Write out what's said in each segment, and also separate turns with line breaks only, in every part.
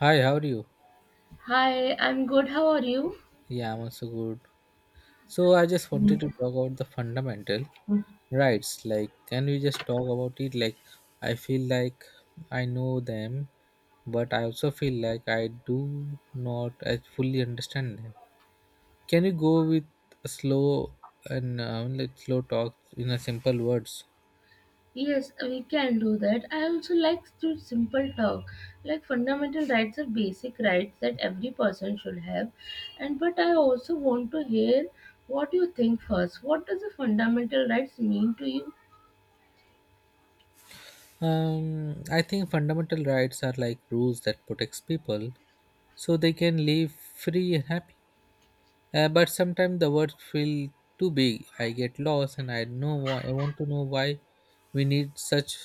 Hi, how are you?
Hi, I'm good. How are you?
Yeah, I'm also good. So I just wanted to talk about the fundamental rights. Like, can we just talk about it? Like, I feel like I know them, but I also feel like I do not as fully understand them. Can you go with a slow and like slow talk in a simple words?
Yes, we can do that. I also like to simple talk. Like fundamental rights are basic rights that every person should have. And but I also want to hear what you think first. What does the fundamental rights mean to you?
I think fundamental rights are like rules that protects people so they can live free and happy. But sometimes the words feel too big. I get lost, and I know why. I want to know why we need such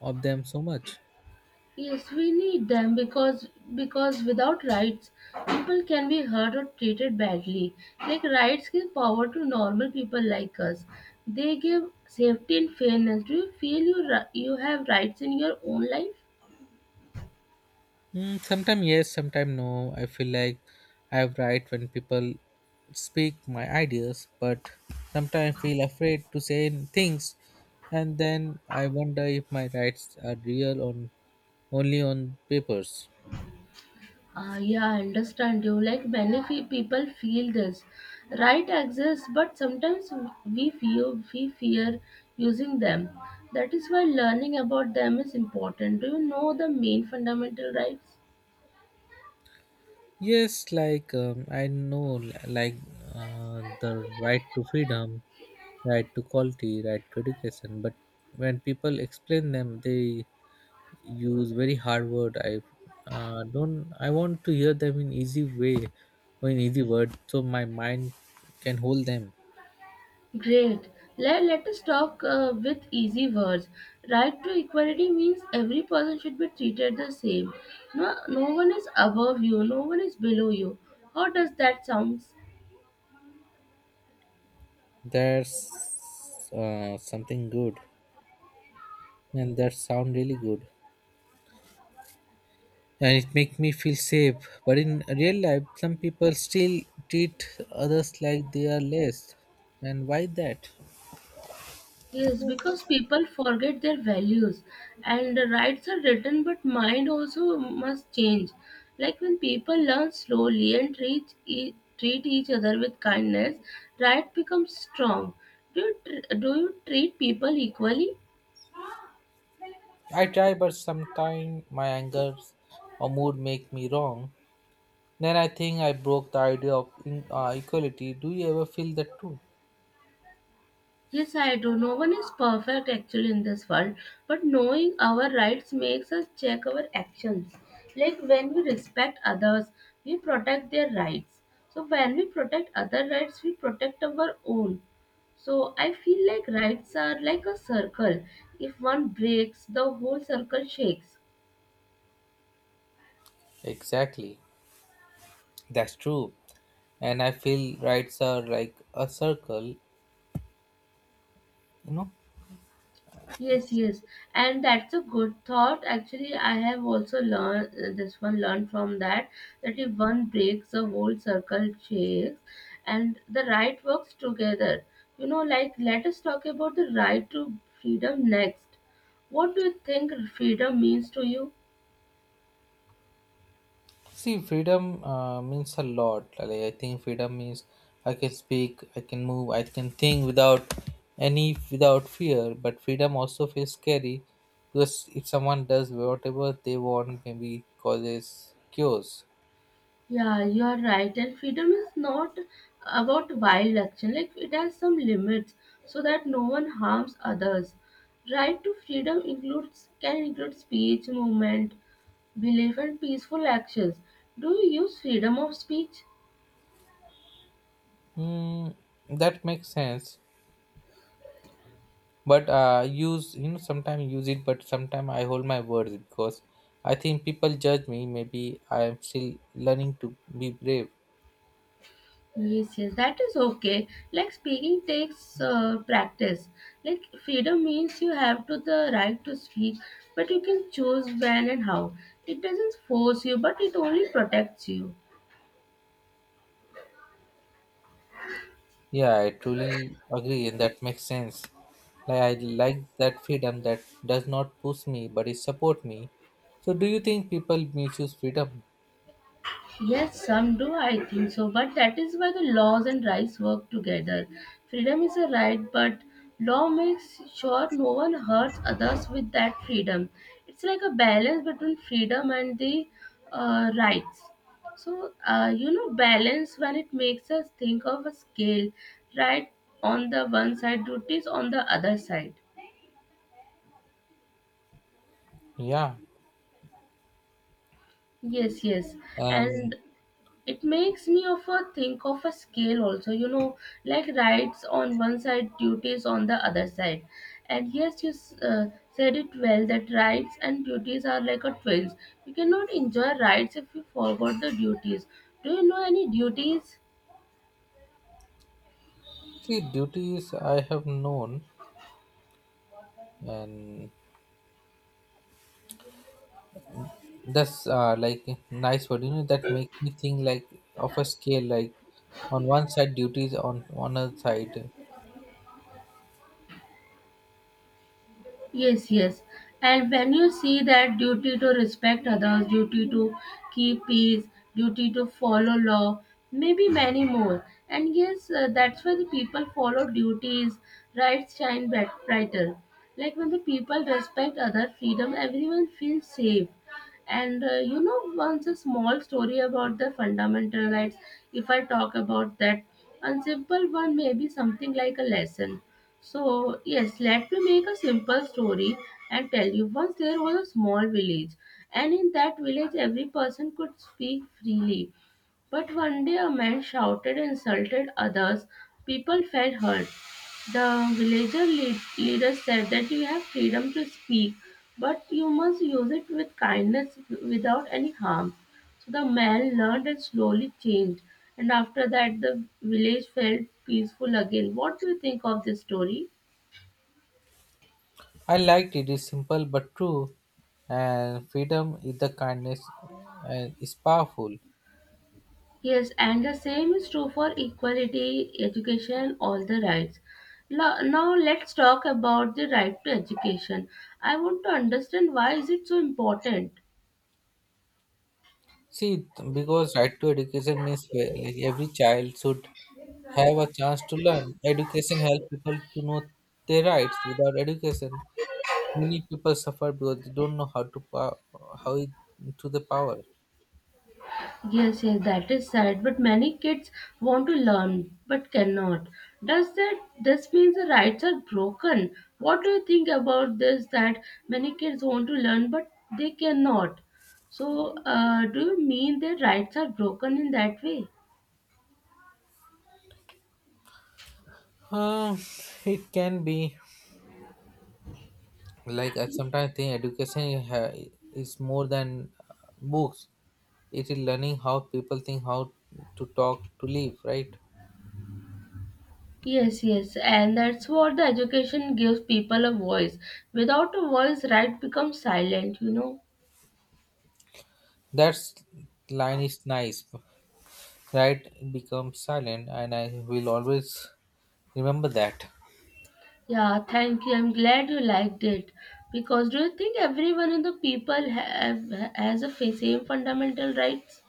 of them so much.
Yes, we need them because without rights, people can be hurt or treated badly. Like rights give power to normal people like us. They give safety and fairness. Do you feel you have rights in your own life?
Mm, sometimes yes, sometimes no. I feel like I have right when people speak my ideas, but sometimes I feel afraid to say things, and then I wonder if my rights are real on only on papers.
Ah, yeah, I understand you. Like many people feel this. Right exists, but sometimes we feel we fear using them. That is why learning about them is important. Do you know the main fundamental rights?
Yes, like I know, like the right to freedom, right to quality, right to education. But when people explain them, they use very hard word. I don't. I want to hear them in easy way or in easy word, so my mind can hold them.
Great. Let us talk with easy words. Right to equality means every person should be treated the same. No, no one is above you, no one is below you. How does that sound?
That's something good, and that sound really good. And it make me feel safe. But in real life, some people still treat others like they are less. And why that?
Yes, because people forget their values, and the rights are written, but mind also must change. Like when people learn slowly and treat each other with kindness, right becomes strong. Do you, do you treat people equally?
I try, but sometimes my anger or mood make me wrong. Then I think I broke the idea of equality. Do you ever feel that too?
Yes, I do. No one is perfect actually in this world, but knowing our rights makes us check our actions. Like when we respect others, we protect their rights. So when we protect other rights, we protect our own. So I feel like rights are like a circle. If one breaks, the whole circle shakes.
Exactly, that's true. And I feel rights are like a circle, you know.
Yes, yes, and that's a good thought. Actually, I have also learned this one learned from that that if one breaks the whole circle shakes, and the right works together. You know, like let us talk about the right to freedom next. What do you think freedom means to you?
See, freedom means a lot. Like, I think freedom means I can speak, I can move, I can think without any without fear. But freedom also feels scary because if someone does whatever they want, maybe causes chaos.
Yeah, you are right. And freedom is not about wild action. Like it has some limits so that no one harms others. Right to freedom includes can include speech, movement, belief, and peaceful actions. Do you use freedom of speech?
Hmm, that makes sense. But use you know sometimes use it, but sometimes I hold my words because I think people judge me. Maybe I am still learning to be brave.
Yes, yes, that is okay. Like speaking takes practice. Like freedom means you have to the right to speak, but you can choose when and how. It doesn't force you, but it only protects you.
Yeah, I truly agree, and that makes sense. Like I like that freedom that does not push me, but it support me. So, do you think people misuse freedom?
Yes, some do, I think so. But that is why the laws and rights work together. Freedom is a right, but law makes sure no one hurts others with that freedom. It's like a balance between freedom and the rights. So, you know, balance when it makes us think of a scale, right? On the one side, duties on the other side.
Yeah,
Yes, yes.
and
And it makes me of a think of a scale also, you know, like rights on one side, duties on the other side. And yes, you said it well that rights and duties are like a twins. You cannot enjoy rights if you forgot the duties. Do you know any duties?
see, duties I have known, and that's like nice word. You know that makes me think like of a scale. Like on one side, duties on other side.
Yes, yes. And when you see that duty to respect others, duty to keep peace, duty to follow law, maybe many more. And yes, that's why the people follow duties, rights shine brighter. Like when the people respect other freedom, everyone feels safe. And you know, once a small story about the fundamental rights, if I talk about that, a simple one may be something like a lesson. So, yes, let me make a simple story and tell you. Once there was a small village, and in that village, every person could speak freely. But one day, a man shouted and insulted others. People felt hurt. The villager leader said that you have freedom to speak, but you must use it with kindness without any harm. So the man learned and slowly changed, and after that, the village felt peaceful again. What do you think of this story?
I liked it. It's simple but true, and freedom is the kindness, and is powerful.
Yes, and the same is true for equality, education, all the rights. Now let's talk about the right to education. I want to understand why is it so important.
See, because right to education means where, like every child should have a chance to learn. Education helps people to know their rights. Without education, many people suffer because they don't know how it, to the power.
Yes, yes, that is sad, but many kids want to learn but cannot. Does that this means the rights are broken? What do you think about this that many kids want to learn but they cannot? So, do you mean their rights are broken in that way?
Uh, it can be like I sometimes think is more than books. It is learning how people think, how to talk, to live. Right?
Yes, yes, and that's what the education gives people a voice. Without a voice, right becomes silent, you know.
That's line is nice. Right becomes silent, and I will always remember that.
Yeah, thank you. I'm glad you liked it. Because do you think everyone in the people have has a same fundamental rights?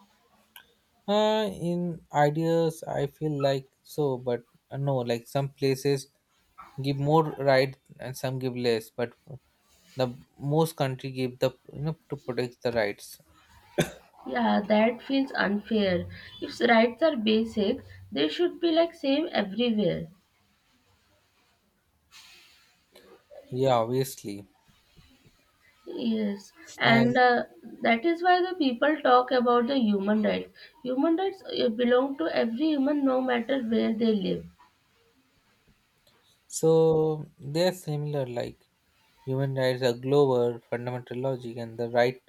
In ideas I feel like so, but no, like some places give more right and some give less, but the most country give the, you know, to protect the rights.
Yeah, that feels unfair. If rights are basic, they should be like same everywhere.
Yeah, obviously.
Yes,
And
and that is why the people talk about the human rights. Human rights belong to every human, no matter where they live.
so they are similar. Like human rights are global fundamental logic and the right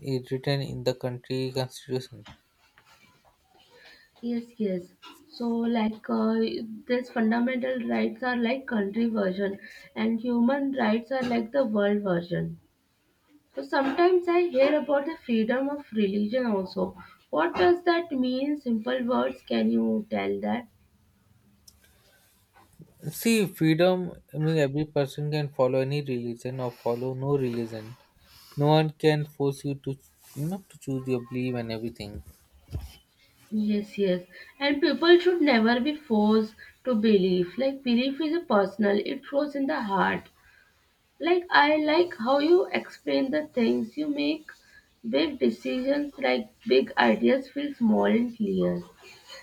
is written in the country constitution.
Yes, yes. So, like, these fundamental rights are like country version, and human rights are like the world version. So sometimes I hear about the freedom of religion also. What does that mean? Simple words. Can you tell that?
See, freedom, I mean, every person can follow any religion or follow no religion. No one can force you to, you know, to choose your belief and everything.
Yes, yes. And people should never be forced to believe. Like belief is a personal, it grows in the heart. Like I like how you explain the things you make big decisions like big ideas feel small and clear.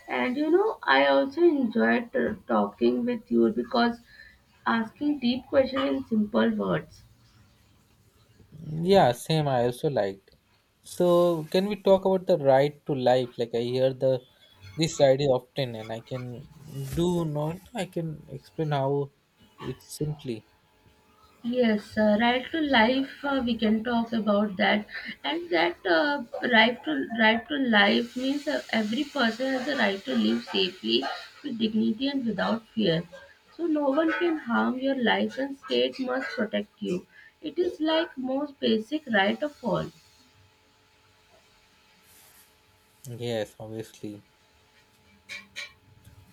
And you know, I also enjoyed talking with you because asking deep questions in simple words.
Yeah, same. I also liked. So, can we talk about the right to life? Like, I hear the this idea often, and I can do not. I can explain how it's simply.
Yes, right to life. We can talk about that, and that right to life means every person has the right to live safely, with dignity, and without fear. So no one can harm your life, and state must protect you. It is like most basic right of all.
Yes, obviously.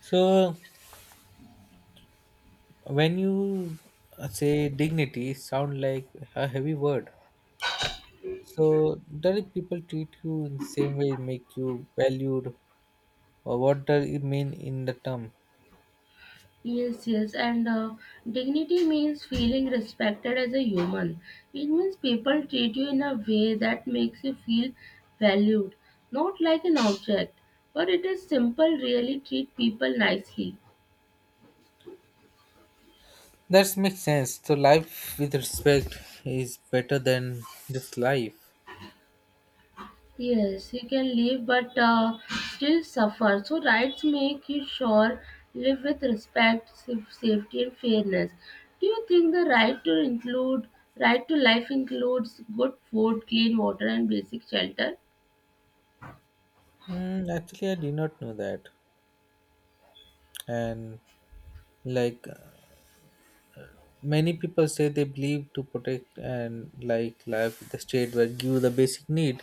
So, when you say dignity, it sound like a heavy word. So does it people treat you in the same way, make you valued, or what does it mean in the term?
Yes, yes, and dignity means feeling respected as a human. It means people treat you in a way that makes you feel valued, not like an object. But it is simple, really treat people nicely.
That makes sense. So life with respect is better than just life.
Yes, you can live but still suffer. So, rights make you sure live with respect, safety, and fairness. Do you think the right to include right to life includes good food, clean water, and basic shelter?
Mm, actually, I did not know that. And like many people say, they believe to protect and like life with the state where give the basic need,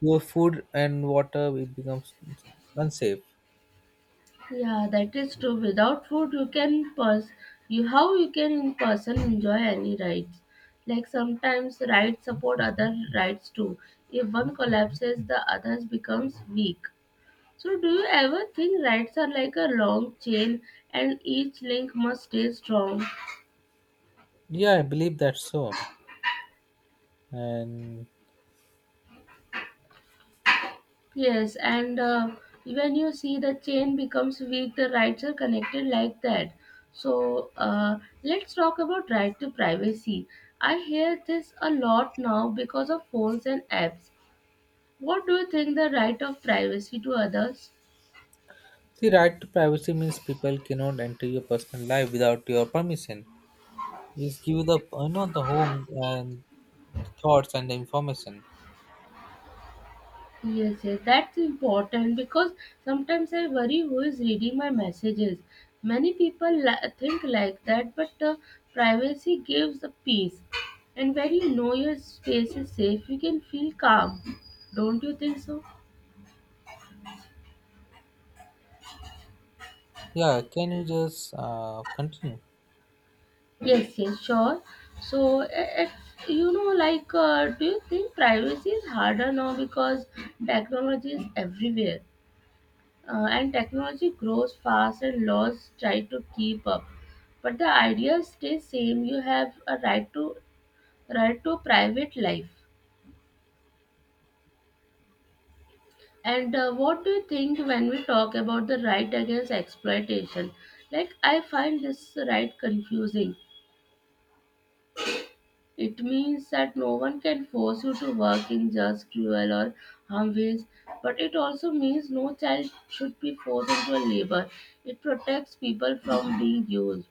your food and water, it becomes unsafe.
Yeah, that is true. Without food, you can pers you how you can in person enjoy any rides. Like sometimes rides support other rides too. If one collapses, the others becomes weak. So do you ever think rides are like a long chain and each link must stay strong?
Yeah, I believe that so. And
Yes, and when you see the chain becomes weak, the rights are connected like that. So let's talk about right to privacy. I hear this a lot now because of phones and apps. What do you think the right of privacy to others?
see, right to privacy means people cannot enter your personal life without your permission. It give you the you know the home and the thoughts and the information.
Yes, yes, that's important because sometimes I worry who is reading my messages. Many people think like that, but privacy gives a peace. And when you know your space is safe, you can feel calm. Don't you think so?
Yeah, can you just continue?
Yes, yes, sure. So, you know, like, do you think privacy is harder now because technology is everywhere? And technology grows fast and laws try to keep up, but the idea stays same. You have a right to right to private life. And what do you think when we talk about the right against exploitation? Like I find this right confusing. It means that no one can force you to work in just cruel or harm ways, but it also means no child should be forced into a labor. It protects people from being used.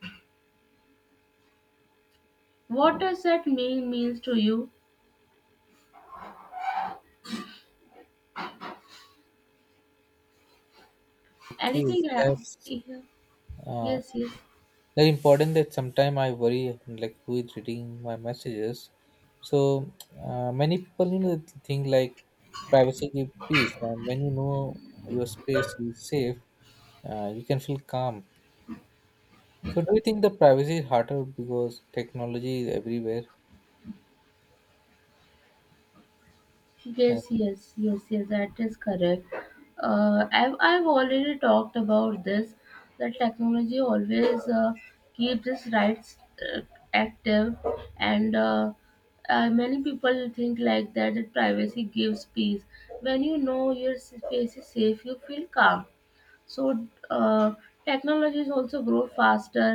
What does that mean means to you?
Okay,
Anything?
that's
Yeah.
uh,
Yes, yes,
very important. That sometimes I worry like who is reading my messages. So many people, you know, think like privacy give peace, and when you know your space is safe, you can feel calm. So do you think the privacy is harder because technology is everywhere?
yes,
And
yes, yes, yes. That is correct. I've already talked about this. That technology always keeps its rights active, and many people think like that. That privacy gives peace. When you know your space is safe, you feel calm. So technologies also grow faster.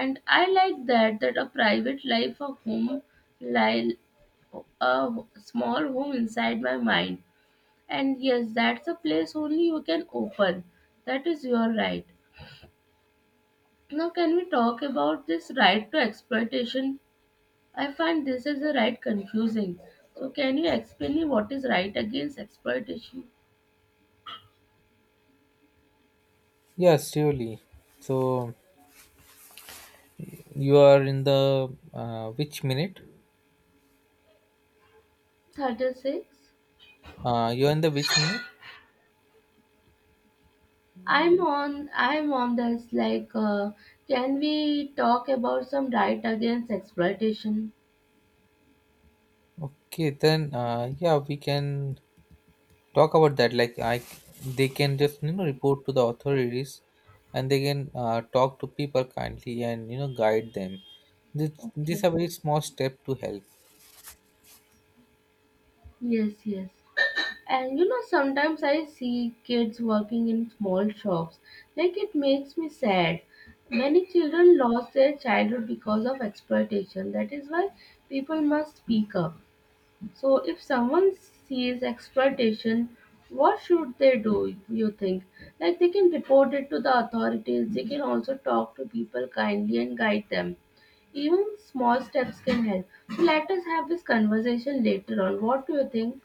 And I like that, that a private life, a home, like a small home inside my mind. And yes, that's a place only you can open. That is your right. Now can we talk about this right to exploitation? I find this is a right confusing. So can you explain me what is right against exploitation?
yes, surely. So you are in the which minute?
36.
You are in the which minute?
I'm on this, like, can we talk about some right against exploitation?
Okay, then yeah, we can talk about that. Like they can just, you know, report to the authorities, and they can talk to people kindly and, you know, guide them. These
Okay.
are very small step to help.
Yes, yes. And you know sometimes I see kids working in small shops. Like it makes me sad. Many children lost their childhood because of exploitation. That is why people must speak up. So, if someone sees exploitation, what should they do, you think? Like, they can report it to the authorities, they can also talk to people kindly and guide them. Even small steps can help. So, let us have this conversation later on. What do you think?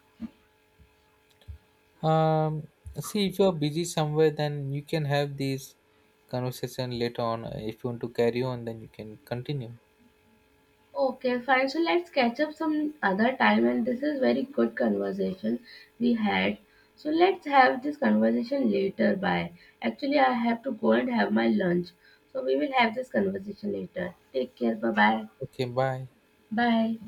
Um, See, if you're busy somewhere, then you can have this conversation later on. If you want to carry on, then you can continue.
Okay, fine. So let's catch up some other time, and this is very good conversation we had. So let's have this conversation later. Bye. Actually, I have to go and have my lunch. So we will have this conversation later. Take care. Bye bye.
Okay, bye.
Bye.